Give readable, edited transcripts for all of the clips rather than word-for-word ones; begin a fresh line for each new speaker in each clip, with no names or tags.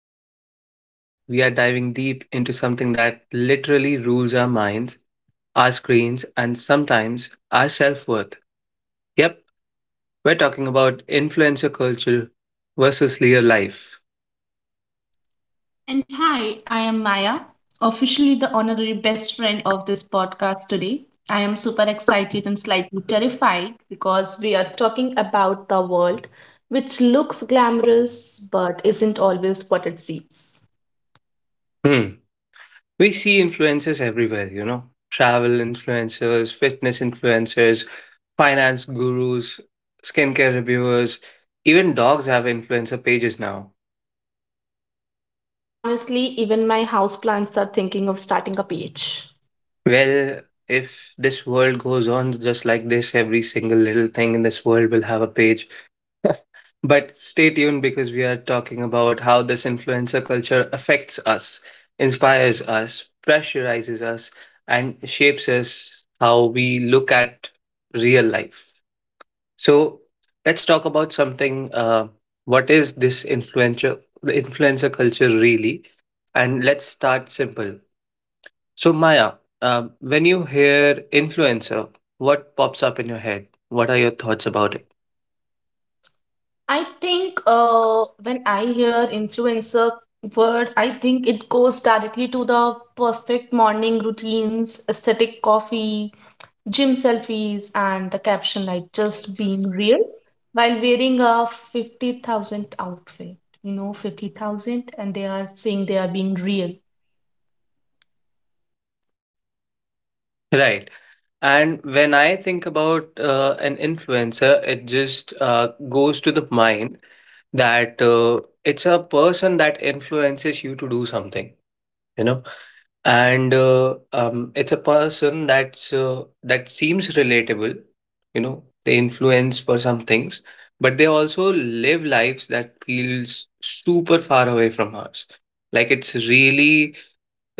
And guess what? We are diving deep into something that literally rules our minds, our screens, and sometimes our self worth. Yep, we're talking about influencer culture versus real life.
And hi, I am Maya, officially the honorary best friend of this podcast today. I am super excited and slightly terrified because we are talking about the world which looks glamorous but isn't always what it seems.
Hmm. We see influencers everywhere, you know, travel influencers, fitness influencers, finance gurus, skincare reviewers, even dogs have influencer pages now.
Honestly, even my houseplants are thinking of starting a page.
Well, if this world goes on just like this, every single little thing in this world will have a page. But stay tuned because we are talking about how this influencer culture affects us, inspires us, pressurizes us, and shapes us how we look at real life. So let's talk about something. What is this influencer culture really? And let's start simple. So, Maya, when you hear influencer, what pops up in your head? What are your thoughts about it?
I think when I hear influencer word, I think it goes directly to the perfect morning routines, aesthetic coffee, gym selfies and the caption like just being real while wearing a 50,000 outfit. You know, 50,000 and they are saying they are being real.
An influencer, it just goes to the mind that it's a person that influences you to do something, you know, and it's a person that seems relatable, you know, they influence for some things, but they also live lives that feels super far away from us. Like it's really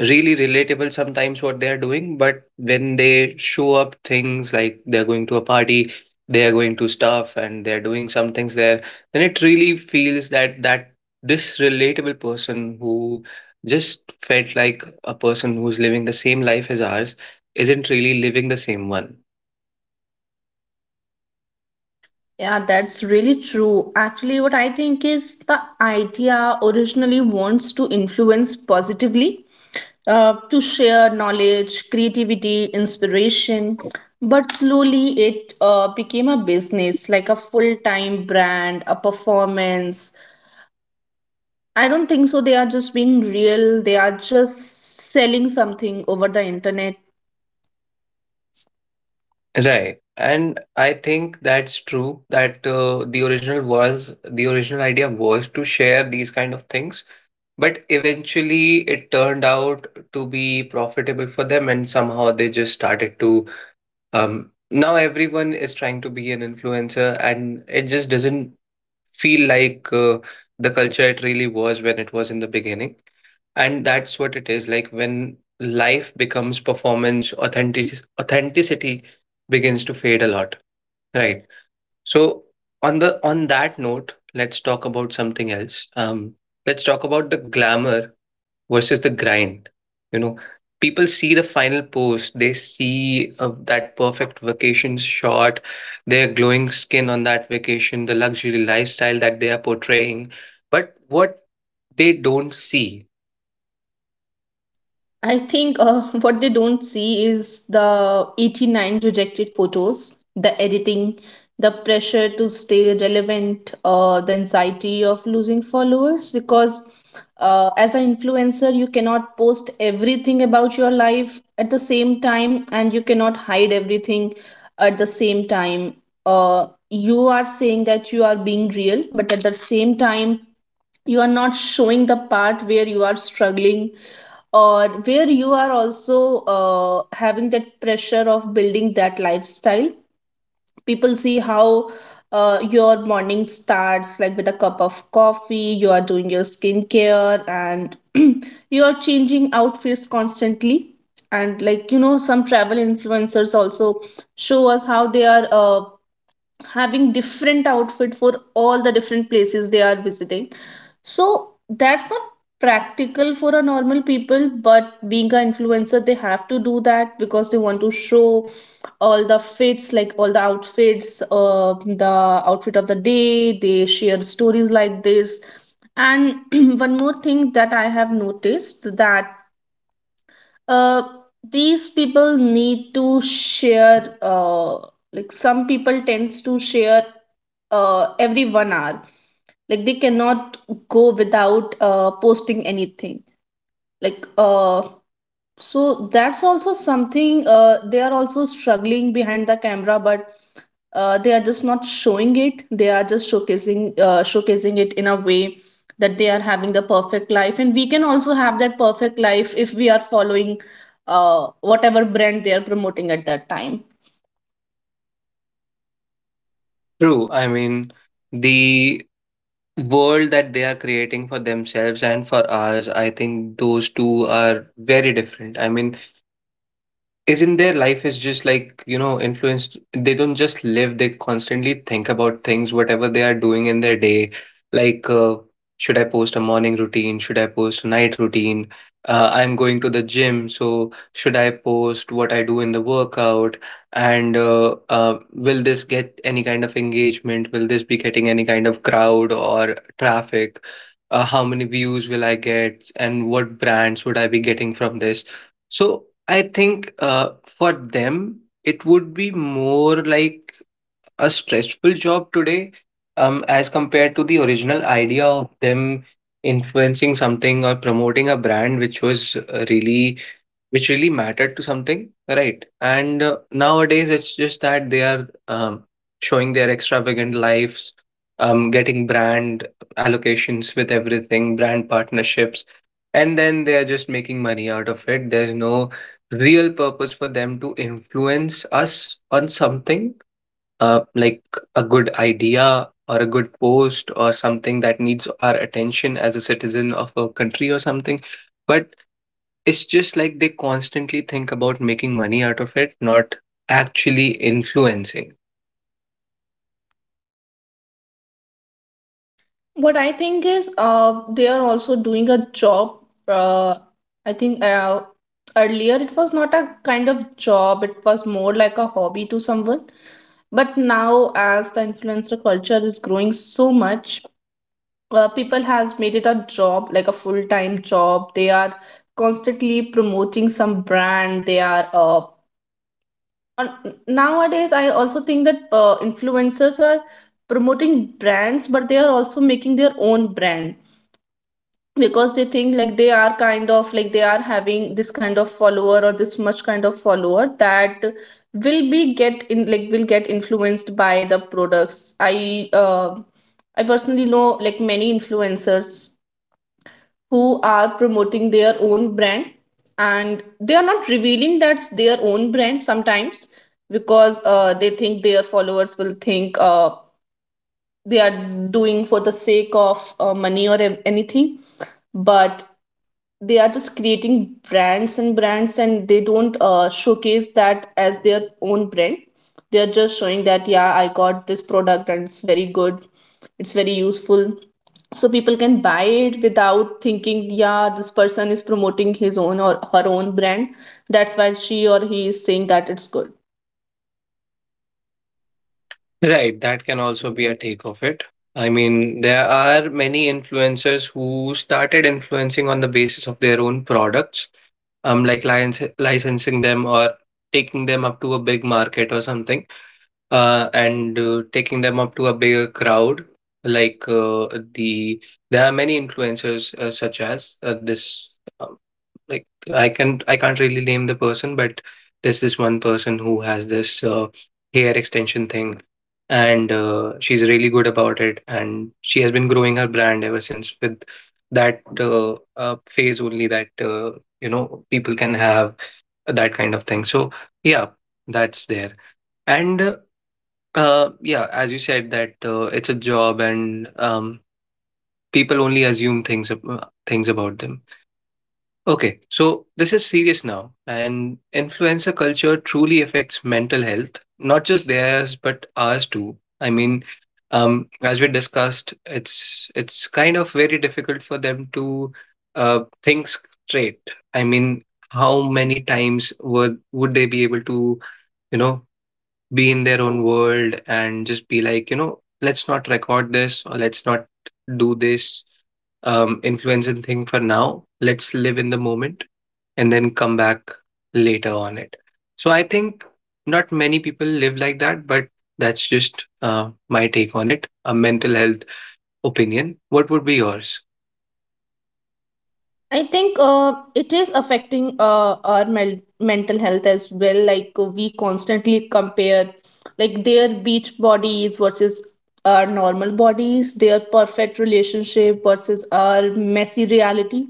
really relatable sometimes what they are doing, but when they show up things like they're going to a party, they are going to stuff and they're doing some things there, then it really feels that this relatable person who just felt like a person who's living the same life as ours isn't really living the same one.
Yeah, that's really true. Actually, what I think is the idea originally wants to influence positively, to share knowledge, creativity, inspiration. But slowly it became a business, like a full time brand, a performance, I don't think so. They are just being real. They are just selling something over the internet.
Right, and I think that's true that the original idea was to share these kind of things. But eventually, it turned out to be profitable for them, and somehow they just started to. Now everyone is trying to be an influencer, and it just doesn't feel like the culture it really was when it was in the beginning. And that's what it is like when life becomes performance, authenticity begins to fade a lot, right? So on that note, let's talk about something else. Let's talk about the glamour versus the grind. You know, people see the final post, they see that perfect vacation shot, their glowing skin on that vacation, the luxury lifestyle that they are portraying. But what they don't see,
I think what they don't see is the 89 rejected photos, the editing, the pressure to stay relevant, the anxiety of losing followers. Because as an influencer, you cannot post everything about your life at the same time, and you cannot hide everything at the same time. You are saying that you are being real, but at the same time, you are not showing the part where you are struggling or where you are also having that pressure of building that lifestyle. People see how your morning starts, like with a cup of coffee, you are doing your skincare, and you are changing outfits constantly. And, like, you know, some travel influencers also show us how they are. Having different outfit for all the different places they are visiting, so that's not practical for a normal people, but being an influencer they have to do that because they want to show all the fits, like all the outfits, the outfit of the day, they share stories like this. And one more thing that I have noticed, that uh, these people need to share, like some people tends to share every 1 hour, like they cannot go without posting anything, like so that's also something, they are also struggling behind the camera, but they are just not showing it. They are just showcasing, showcasing it in a way that they are having the perfect life, and we can also have that perfect life if we are following whatever brand they are promoting at that time.
true, I mean, the world that they are creating for themselves and for ours, I think those two are very different. I mean, isn't their life is just like, you know, influenced? They don't just live, they constantly think about things whatever they are doing in their day, like should I post a morning routine, should I post a night routine, I'm going to the gym so should I post what I do in the workout, and will this get any kind of engagement, will this be getting any kind of crowd or traffic, how many views will I get and what brands would I be getting from this? So I think for them, it would be more like a stressful job today, as compared to the original idea of them influencing something or promoting a brand, which was really which really mattered to something, right? And nowadays, it's just that they are showing their extravagant lives, getting brand allocations with everything, brand partnerships, and then they are just making money out of it. There's no real purpose for them to influence us on something like a good idea or a good post or something that needs our attention as a citizen of a country or something, but it's just like they constantly think about making money out of it, not actually influencing.
What I think is, they are also doing a job. Uh, I think earlier it was not a kind of job, it was more like a hobby to someone. But now, as the influencer culture is growing so much, people has made it a job, like a full-time job. They are constantly promoting some brand. They are on, nowadays. I also think that influencers are promoting brands, but they are also making their own brand because they think like they are kind of like they are having this kind of follower or this much kind of follower that will be get in like will get influenced by the products. I personally know like many influencers who are promoting their own brand, and they are not revealing that's their own brand sometimes because they think their followers will think they are doing for the sake of money or anything. But they are just creating brands and brands and they don't showcase that as their own brand. They are just showing that yeah I got this product and it's very good, it's very useful, so people can buy it without thinking yeah this person is promoting his own or her own brand, that's why she or he is saying that it's good.
Right, that can also be a take of it. I mean, there are many influencers who started influencing on the basis of their own products, like licensing them or taking them up to a big market or something, and taking them up to a bigger crowd. Like the, there are many influencers such as this. uh, like I can I can't really name the person, but there's this one person who has this hair extension thing, and she's really good about it, and she has been growing her brand ever since with that phase only that you know, people can have that kind of thing. So yeah, that's there, and yeah, as you said that it's a job, and people only assume things things about them. Okay, so this is serious now, and influencer culture truly affects mental health, not just theirs but ours too. I mean, as we discussed, it's kind of very difficult for them to think straight. I mean, how many times would they be able to, you know, be in their own world and just be like, you know, let's not record this or let's not do this influencing thing for now. Let's live in the moment and then come back later on it. So I think not many people live like that, but that's just my take on it, a mental health opinion. What would be yours?
I think it is affecting our mental health as well. Like we constantly compare, like their beach bodies versus our normal bodies, their perfect relationship versus our messy reality,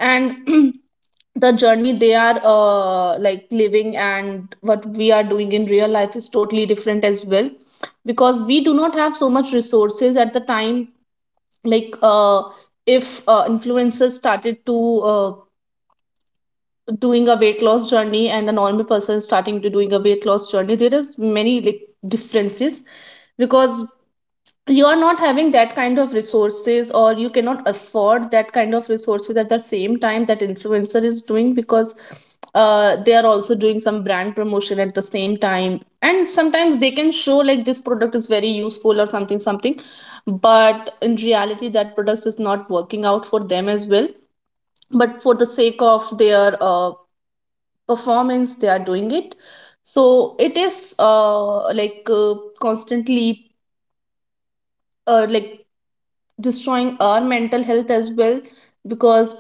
and the journey they are like living and what we are doing in real life is totally different as well, because we do not have so much resources at the time. Like if influencers started to doing a weight loss journey and a normal person starting to doing a weight loss journey, there is many like differences because you are not having that kind of resources or you cannot afford that kind of resources at the same time that influencer is doing, because they are also doing some brand promotion at the same time, and sometimes they can show like this product is very useful or something something, but in reality that product is not working out for them as well. But for the sake of their performance they are doing it. So it is, like constantly like destroying our mental health as well, because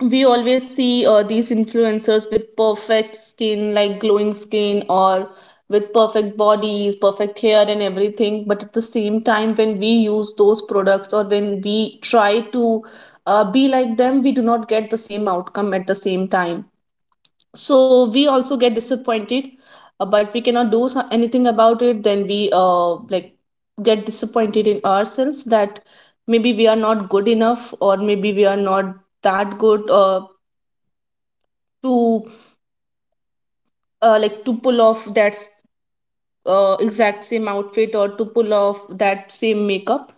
we always see these influencers with perfect skin, like glowing skin or with perfect bodies, perfect hair and everything, but at the same time when we use those products or when we try to be like them, we do not get the same outcome at the same time, so we also get disappointed. But we cannot do anything about it, then we like get disappointed in ourselves that maybe we are not good enough or maybe we are not that good to like to pull off that exact same outfit or to pull off that same makeup.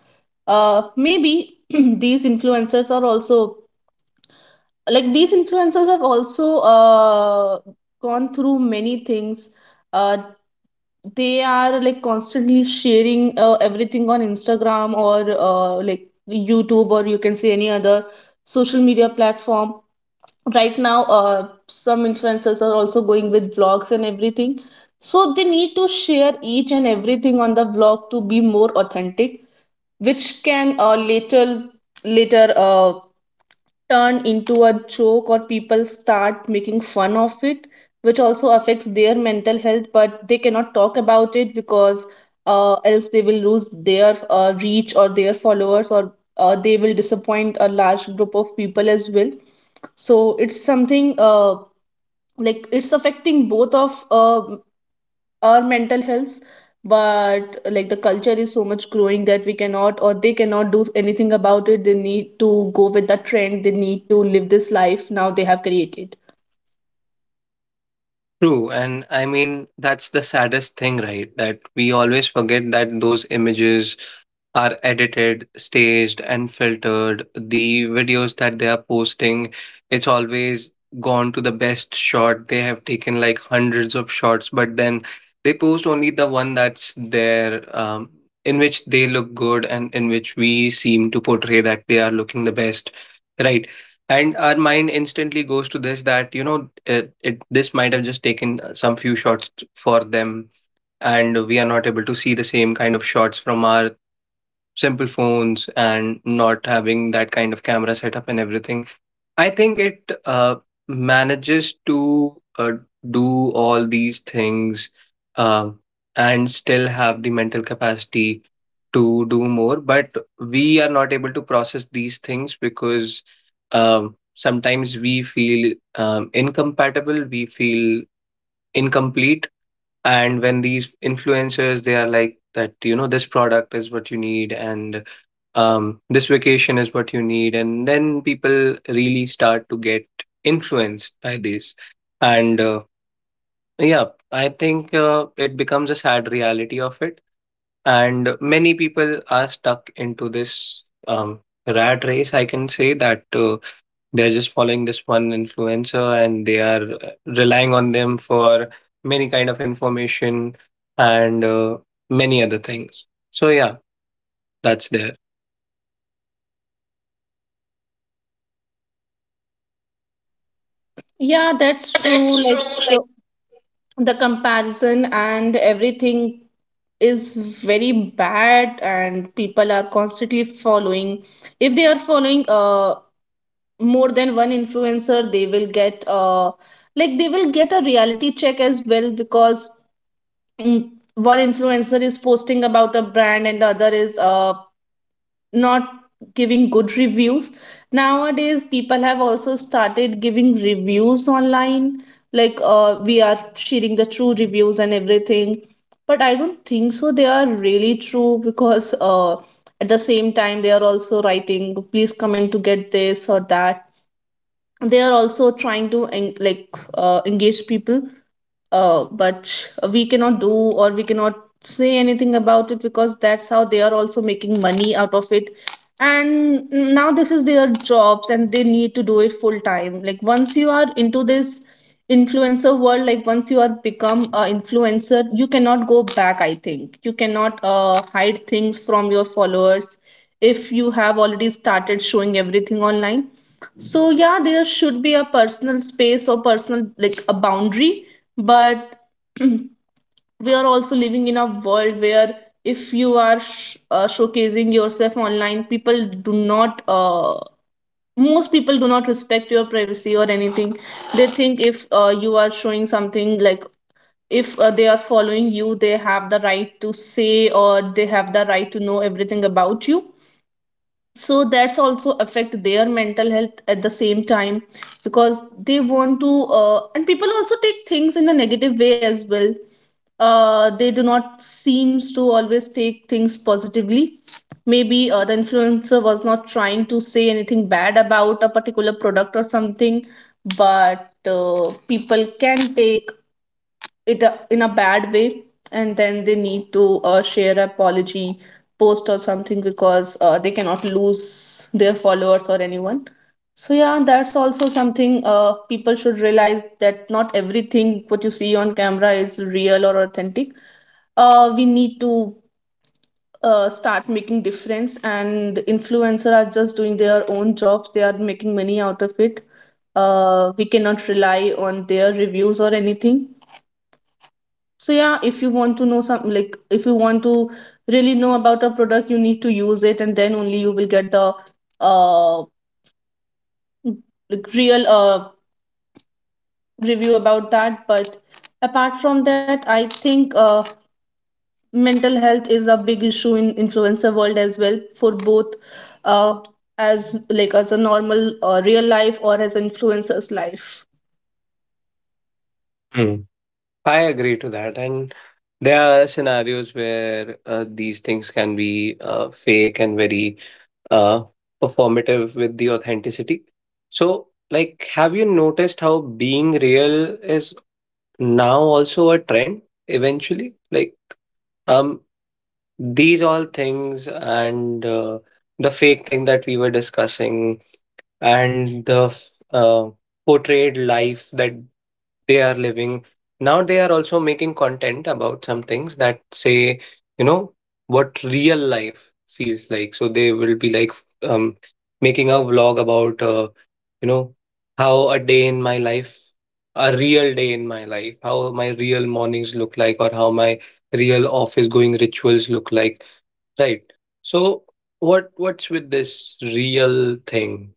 Maybe these influencers are also like these influencers have also gone through many things. uh, they are like constantly sharing everything on Instagram or like YouTube, or you can say any other social media platform. Right now, some influencers are also going with vlogs and everything. So they need to share each and everything on the vlog to be more authentic, which can later turn into a joke, or people start making fun of it, which also affects their mental health, but they cannot talk about it because else they will lose their reach or their followers, or they will disappoint a large group of people as well. So it's something, like it's affecting both of or mental health, but like the culture is so much growing that we cannot or they cannot do anything about it. They need to go with the trend, they need to live this life now they have created.
True, and I mean, that's the saddest thing, right? That we always forget that those images are edited, staged, and filtered. The videos that they are posting, it's always gone to the best shot. They have taken like hundreds of shots, but then they post only the one that's there, in which they look good and in which we seem to portray that they are looking the best, right? And our mind instantly goes to this that, you know, it this might have just taken some few shots for them, and we are not able to see the same kind of shots from our simple phones and not having that kind of camera setup and everything. I think it manages to do all these things, uh, and still have the mental capacity to do more. But we are not able to process these things because sometimes we feel incompatible, we feel incomplete. And when these influencers, they are like that, you know, this product is what you need, and this vacation is what you need. And then people really start to get influenced by this. And yeah, I think it becomes a sad reality of it. And many people are stuck into this rat race. I can say that they're just following this one influencer and they are relying on them for many kind of information and many other things. So yeah, that's there.
Yeah, that's true.
That's true.
Like
Like,
uh, the comparison and everything is very bad, and people are constantly following. If they are following more than one influencer, they will get like they will get a reality check as well, because mm, one influencer is posting about a brand and the other is not giving good reviews. Nowadays people have also started giving reviews online, like we are sharing the true reviews and everything, but I don't think so they are really true, because at the same time they are also writing please come in to get this or that. They are also trying to like engage people. But we cannot do or we cannot say anything about it, because that's how they are also making money out of it, and now this is their jobs and they need to do it full time. Like once you are into this influencer world, like once you are become a influencer you cannot go back, I think. You cannot hide things from your followers if you have already started showing everything online. So yeah, there should be a personal space or personal like a boundary, but we are also living in a world where if you are showcasing yourself online, people do not most people do not respect your privacy or anything. They think if you are showing something like if they are following you, they have the right to say or they have the right to know everything about you, so that's also affect their mental health at the same time because they want to and people also take things in a negative way as well. They do not seems to always take things positively. Maybe the influencer was not trying to say anything bad about a particular product or something, but people can take it in a bad way, and then they need to share apology post or something because they cannot lose their followers or anyone. So yeah, that's also something people should realize that not everything what you see on camera is real or authentic. We need to start making difference, and influencer are just doing their own jobs, they are making money out of it. We cannot rely on their reviews or anything. So yeah, if you want to know some, like if you want to really know about a product, you need to use it and then only you will get the uh real review about that. But apart from that, I think mental health is a big issue in influencer world as well, for both uh as like as a normal real life or as influencers life.
hmm. I agree to that. And there are scenarios where these things can be fake and very uh, performative with the authenticity. So, like, have you noticed how being real is now also a trend eventually? Like, um, these all things and the fake thing that we were discussing and the portrayed life that they are living. Now they are also making content about some things that say, you know, what real life feels like. So they will be like um, making a vlog about, you know, how a day in my life, a real day in my life, how my real mornings look like, or how my real office going rituals look like, right? So what's with this real thing?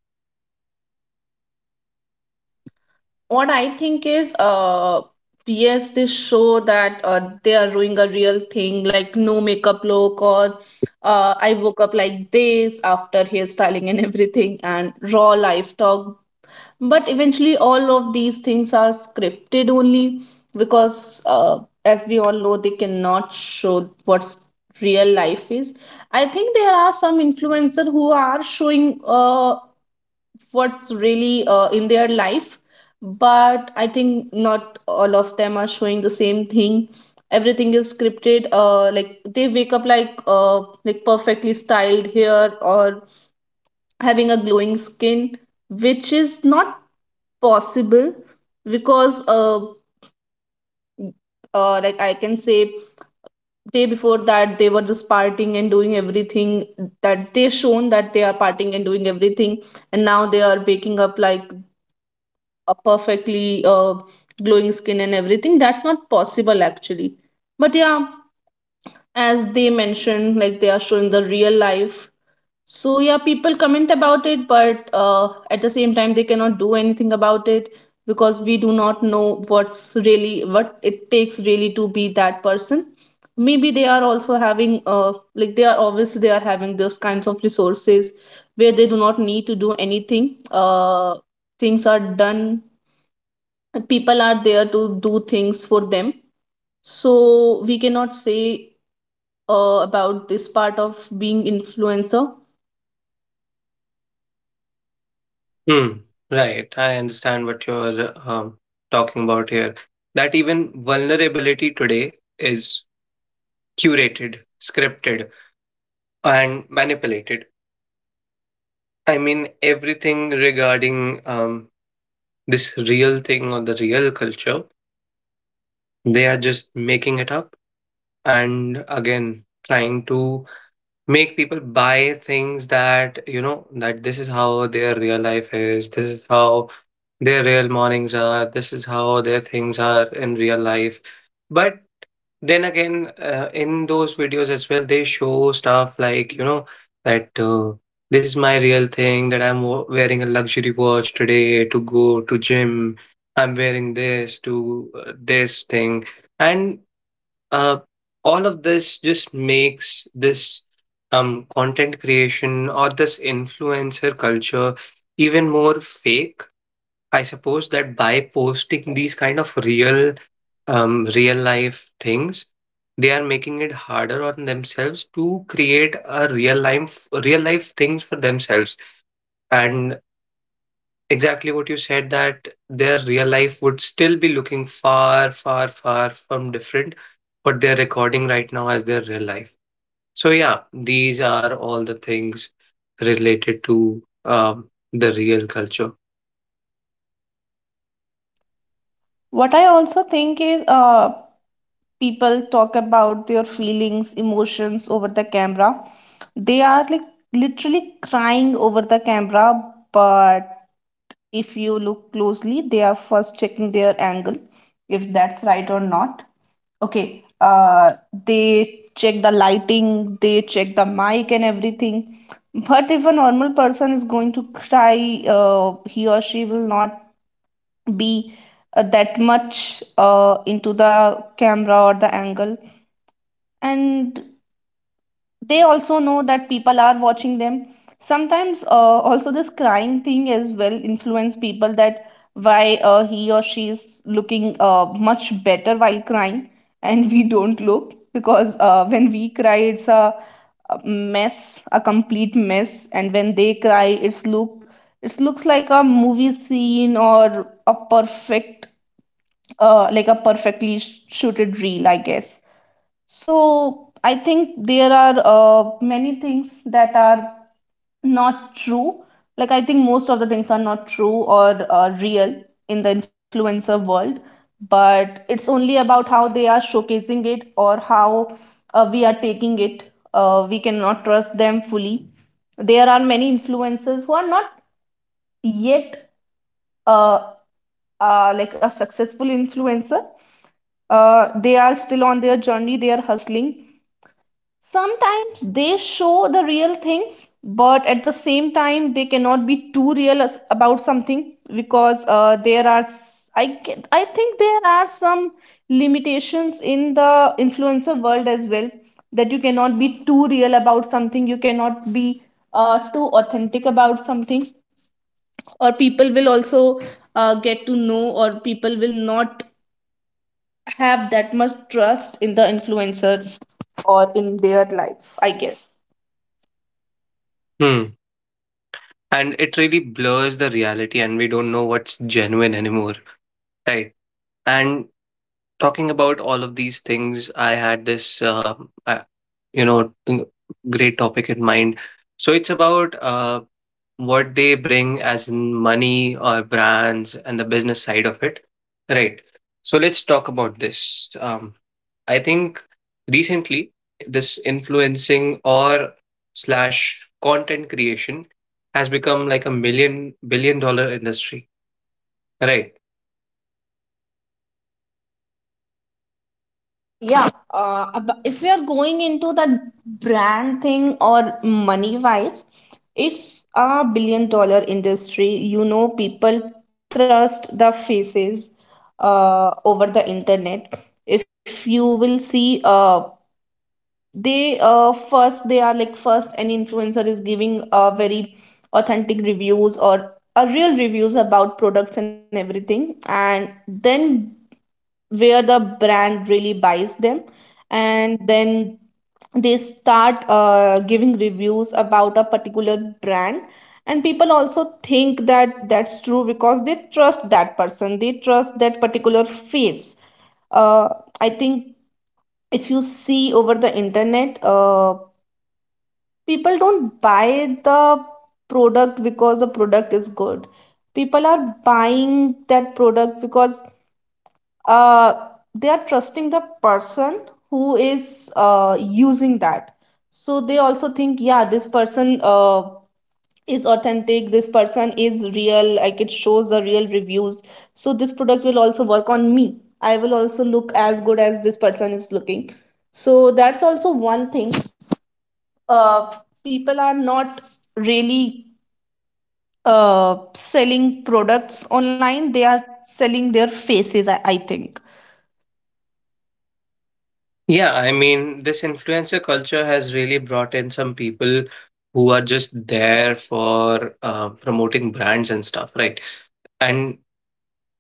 What I think is, yes, they show that they are doing a real thing, like no makeup look, or I woke up like this after hairstyling and everything, and raw life talk. But eventually, all of these things are scripted only because, as we all know, they cannot show what's real life is. I think there are some influencers who are showing what's really in their life, but I think not all of them are showing the same thing. Everything is scripted, like they wake up like perfectly styled hair or having a glowing skin, which is not possible because like I can say day before that they were just partying and doing everything, that they shown that they are partying and doing everything, and now they are waking up like a perfectly glowing skin and everything. That's not possible actually. But yeah, as they mentioned, like they are showing the real life, so yeah, people comment about it, but at the same time they cannot do anything about it because we do not know what's really what it takes really to be that person. Maybe they are also having like they are obviously they are having those kinds of resources where they do not need to do anything. Things are done, people are there to do things for them, so we cannot say about this part of being influencer.
Hmm. Right. I understand what you're talking about here. That even vulnerability today is curated, scripted, and manipulated. I mean, everything regarding this real thing or the real culture, they are just making it up and again trying to make people buy things, that, you know, that this is how their real life is, this is how their real mornings are, this is how their things are in real life. But then again, in those videos as well they show stuff like, you know, that this is my real thing that I'm wearing a luxury watch today to go to gym, I'm wearing this to this thing. And uh, all of this just makes this content creation or this influencer culture even more fake. I suppose that by posting these kind of real life things, they are making it harder on themselves to create a real life things for themselves. And exactly what you said that their real life would still be looking far from different what they're recording right now as their real life. So yeah, these are all the things related to the real culture.
What I also think is people talk about their feelings, emotions over the camera. They are like literally crying over the camera, but if you look closely, they are first checking their angle, if that's right or not. Okay, they check the lighting, they check the mic and everything. But if a normal person is going to cry, he or she will not be that much into the camera or the angle. And they also know that people are watching them sometimes. Also this crying thing as well influence people that why he or she is looking much better while crying, and we don't look because when we cry it's a mess, a complete mess, and when they cry it looks like a movie scene or a perfect like a perfectly shooted reel, I guess. So I think there are many things that are not true. Like I think most of the things are not true or real in the influencer world, but it's only about how they are showcasing it or how we are taking it. We cannot trust them fully. There are many influencers who are not yet uh, like a successful influencer. They are still on their journey. They are hustling. Sometimes they show the real things, but at the same time, they cannot be too real about something because there are, s- I, ge- I think there are some limitations in the influencer world as well, that you cannot be too real about something, you cannot be too authentic about something, or people will also get to know, or people will not have that much trust in the influencer or in their life, I guess.
Hmm. And it really blurs the reality and we don't know what's genuine anymore, right? And talking about all of these things, I had this I, you know, great topic in mind. So it's about what they bring as in money or brands and the business side of it. Right. So let's talk about this. I think recently this influencing or slash content creation has become like a million billion dollar industry. Right.
Yeah, if we are going into that brand thing or money wise, it's a billion dollar industry. You know, people trust the faces over the internet. If you will see, they first they are like first an influencer is giving very authentic reviews or a real reviews about products and everything, and then where the brand really buys them, and then they start giving reviews about a particular brand, and people also think that that's true because they trust that person, they trust that particular face. uh, I think if you see over the internet, people don't buy the product because the product is good, people are buying that product because uh, they are trusting the person who is using that. So they also think, yeah, this person is authentic, this person is real, like it shows the real reviews, so this product will also work on me, I will also look as good as this person is looking. So that's also one thing. uh, People are not really selling products online, they are selling their faces, I think.
Yeah, I mean, this influencer culture has really brought in some people who are just there for promoting brands and stuff, right? And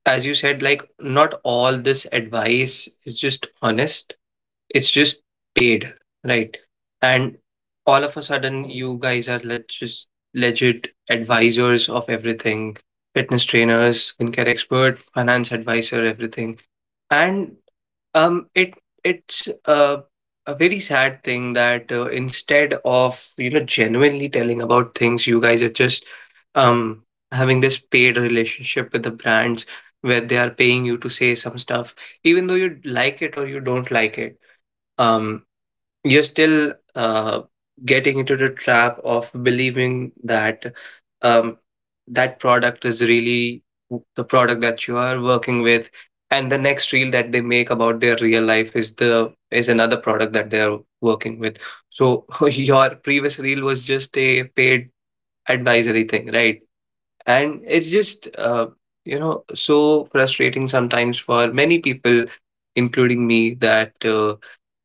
as you said, like, not all this advice is just honest, it's just paid, right? And all of a sudden, you guys are just legit advisors of everything, fitness trainers, skincare expert, finance advisor, everything. And um, it it's a very sad thing that instead of, you know, genuinely telling about things, you guys are just um, having this paid relationship with the brands, where they are paying you to say some stuff, even though you like it or you don't like it. Um, you're still getting into the trap of believing that um, that product is really the product that you are working with, and the next reel that they make about their real life is the is another product that they are working with. So your previous reel was just a paid advisory thing, right? And it's just, you know, so frustrating sometimes for many people, including me, that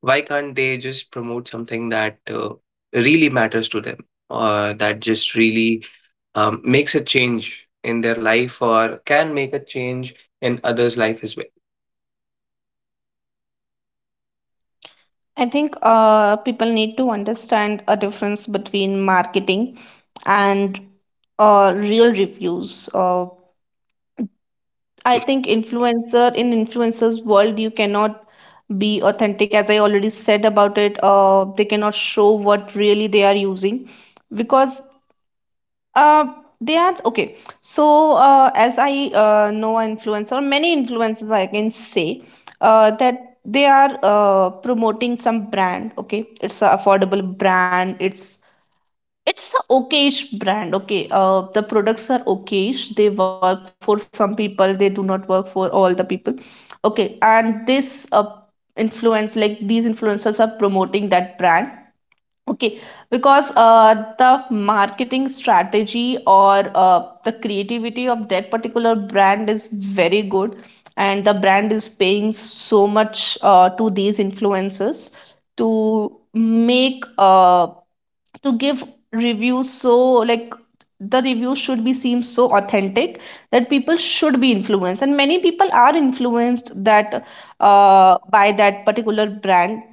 why can't they just promote something that really matters to them, or that just really makes a change in their life, or can make a change in others' life as well.
I think people need to understand a difference between marketing and real reviews. I think influencer in influencers world you cannot be authentic, as I already said about it. They cannot show what really they are using because uh, they are okay. So, as I know, influencer, many influencers, I can say that they are promoting some brand. Okay, it's an affordable brand. It's a okayish brand. Okay, the products are okayish. They work for some people. They do not work for all the people. Okay, and this like these influencers, are promoting that brand. Okay, because the marketing strategy or the creativity of that particular brand is very good, and the brand is paying so much to these influencers to make to give reviews, so like the review should be seem so authentic that people should be influenced, and many people are influenced that by that particular brand.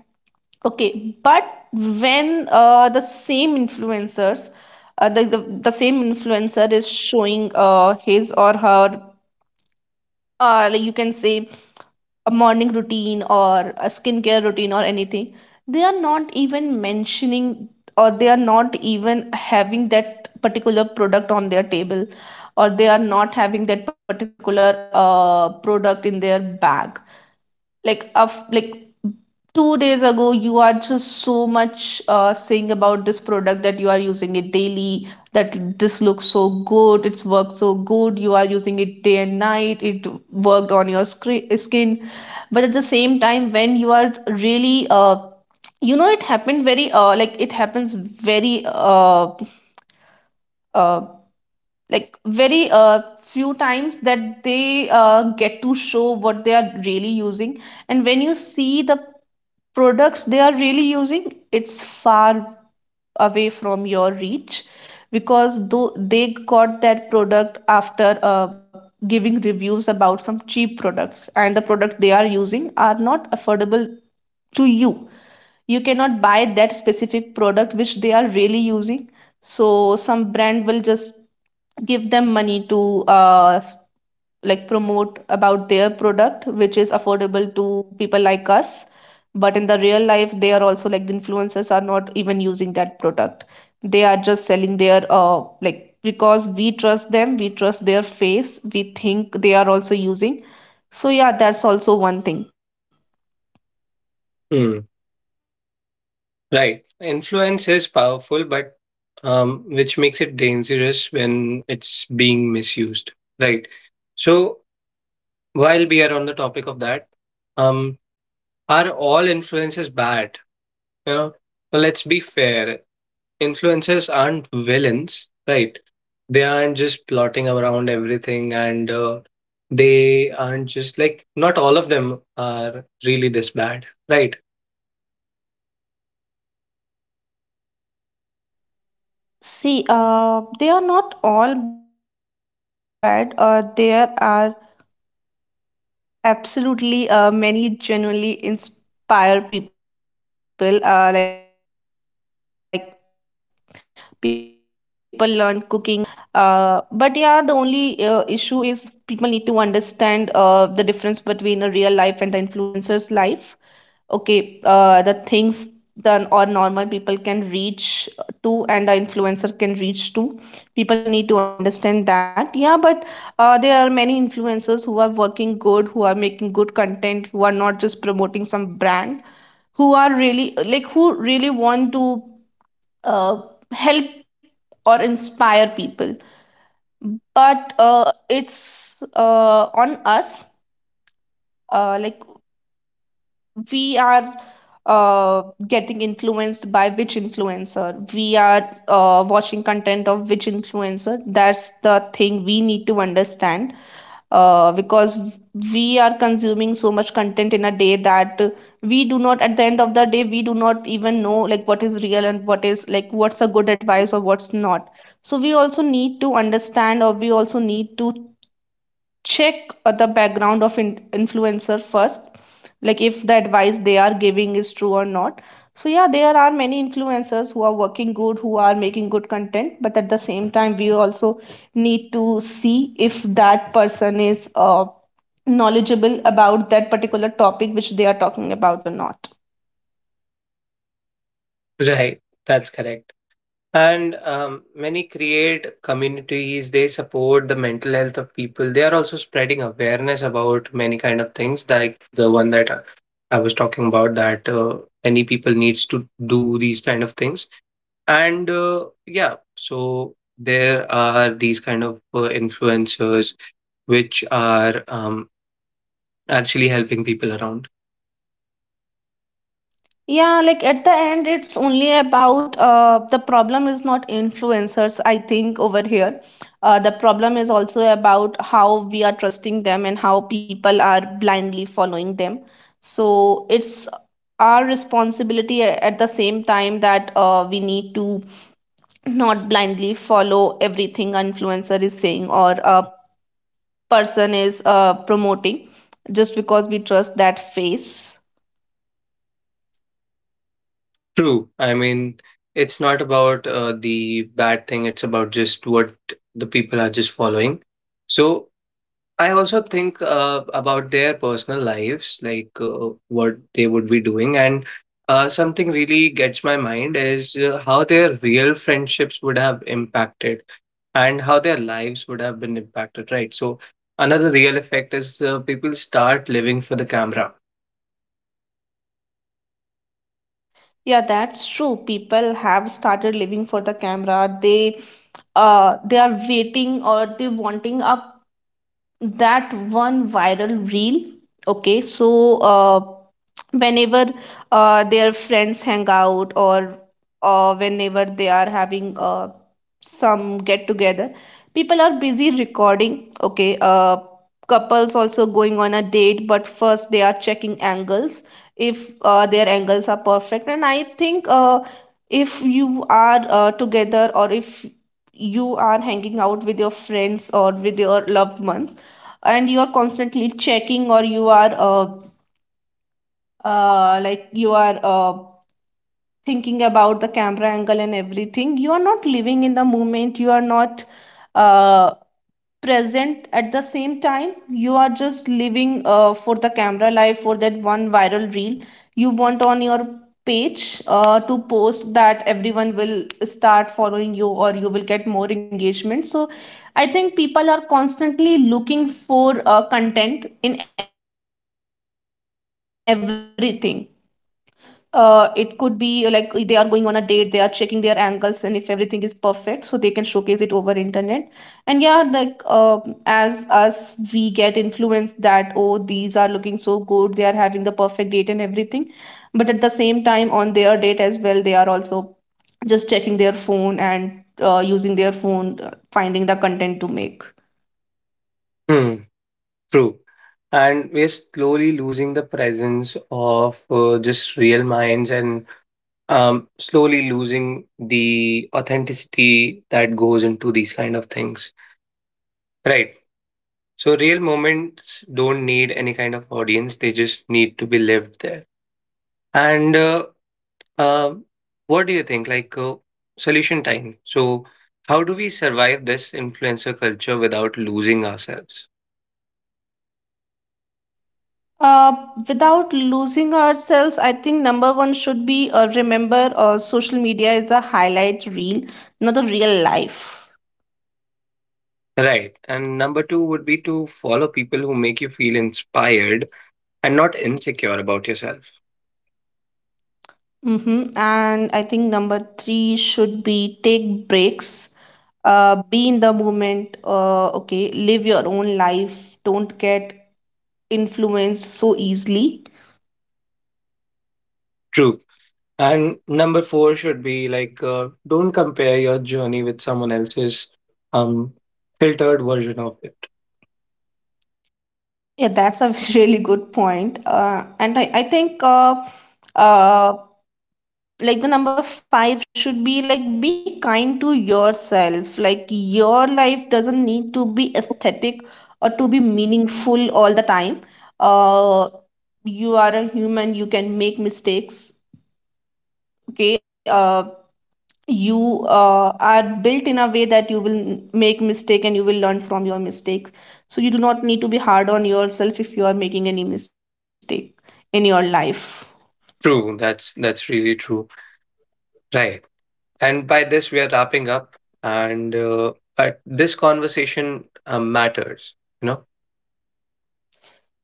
Okay, but when the same influencers, uh, the, the the same influencer is showing his or her, like you can say a morning routine or a skincare routine or anything, they are not even mentioning or they are not even having that particular product on their table, or they are not having that particular product in their bag, like of like 2 days ago you are just so much saying about this product that you are using it daily, that this looks so good, it's worked so good, you are using it day and night, it worked on your skin. But at the same time when you are really you know it happened very like it happens very uh, like very few times that they get to show what they are really using. And when you see the products they are really using, it's far away from your reach, because though they got that product after giving reviews about some cheap products, and the product they are using are not affordable to you, you cannot buy that specific product which they are really using. So some brand will just give them money to like promote about their product which is affordable to people like us, but in the real life they are also like the influencers are not even using that product, they are just selling their like because we trust them, we trust their face, we think they are also using. So yeah, that's also one thing.
Hmm. Right. Influence is powerful, but which makes it dangerous when it's being misused. Right. So, while we are on the topic of that, um, are all influences bad? You know, well, let's be fair. Influences aren't villains, right? They aren't just plotting around everything, and they aren't just like, not all of them are really this bad, right?
See, they are not all bad. There are absolutely many genuinely inspire people. Like people learn cooking, finance, education, motivation, career guidance. But yeah, the only issue is people need to understand the difference between a real life and the influencer's life. Okay, the things that or normal people can reach to and the influencer can reach to. People need to understand that. Yeah, but there are many influencers who are working good, who are making good content, who are not just promoting some brand, who are really like who really want to uh, help or inspire people. But it's on us, like we are uh, getting influenced by which influencer we are watching content of, which influencer, that's the thing we need to understand, because we are consuming so much content in a day that we do not at the end of the day we do not even know like what is real and what is, like, what's a good advice or what's not. So we also need to understand, or we also need to check the background of influencer first, like if the advice they are giving is true or not. So yeah, there are many influencers who are working good, who are making good content, but at the same time we also need to see if that person is knowledgeable about that particular topic which they are talking about or not.
Right. That's correct. And many create communities, they support the mental health of people. They are also spreading awareness about many kind of things, like the one that I was talking about, that any people needs to do these kind of things. And yeah, so there are these kind of influencers which are actually helping people around.
Yeah, like at the end, it's only about the problem is not influencers, I think, over here. The problem is also about how we are trusting them and how people are blindly following them. So it's our responsibility at the same time that we need to not blindly follow everything an influencer is saying or a person is promoting just because we trust that face.
True. I mean, it's not about the bad thing, it's about just what the people are just following. So I also think about their personal lives, like, what they would be doing. And something really gets my mind is how their real friendships would have impacted and how their lives would have been impacted, right? So another real effect is people start living for the camera.
Yeah, that's true. People have started living for the camera. They are waiting or they wanting a that one viral reel. Okay, so whenever their friends hang out or whenever they are having some get together, people are busy recording. Okay, couples also going on a date, but first they are checking angles if their angles are perfect. And I think if you are together, or if you are hanging out with your friends or with your loved ones, and you are constantly checking, or you are like you are thinking about the camera angle and everything, you are not living in the moment, you are not uh, present at the same time, you are just living for the camera life, for that one viral reel you want on your page to post, that everyone will start following you or you will get more engagement. So I think people are constantly looking for content in everything. It could be they are going on a date, they are checking their angles, and if everything is perfect so they can showcase it over internet. And yeah, like as us, we get influenced that, oh, these are looking so good, they are having the perfect date and everything, but at the same time on their date as well they are also just checking their phone and using their phone, finding the content to make.
Hmm. True. And we're slowly losing the presence of just real minds, and slowly losing the authenticity that goes into these kind of things. Right. So, real moments don't need any kind of audience, they just need to be lived there. And uh, what do you think? Like, solution time. So, how do we survive this influencer culture without losing ourselves?
Uh, without losing ourselves, I think number one should be remember social media is a highlight reel, not a real life.
Right. And number two would be to follow people who make you feel inspired and not insecure about yourself.
Mm-hmm. And I think number three should be take breaks, be in the moment, okay, live your own life, don't get influenced so easily.
True. And number four should be like, don't compare your journey with someone else's um, filtered version of it.
Yeah, that's a really good point. And I think uh, like the number five should be like be kind to yourself, like your life doesn't need to be aesthetic or to be meaningful all the time. uh you are a human, you can make mistakes. Okay, you are built in a way that you will make mistake and you will learn from your mistakes, so you do not need to be hard on yourself if you are making any mistake in your life.
True. That's really true. Right. And by this, we are wrapping up. And this conversation matters. You know.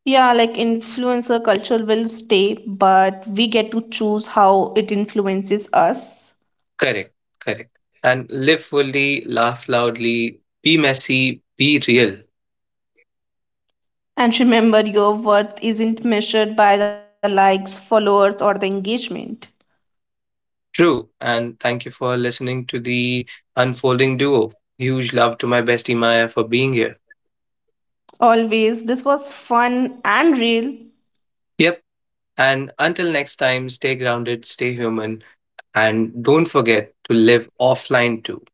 Yeah, like influencer culture will stay, but we get to choose how it influences us.
Correct. Correct. And live fully, laugh loudly, be messy, be real.
And remember, your worth isn't measured by the likes, followers, or the engagement.
True, and thank you for listening to the Unfolding Duo. Huge love to my bestie Maya for being here.
Always, this was fun and real.
Yep, and until next time, stay grounded, stay human, and don't forget to live offline too.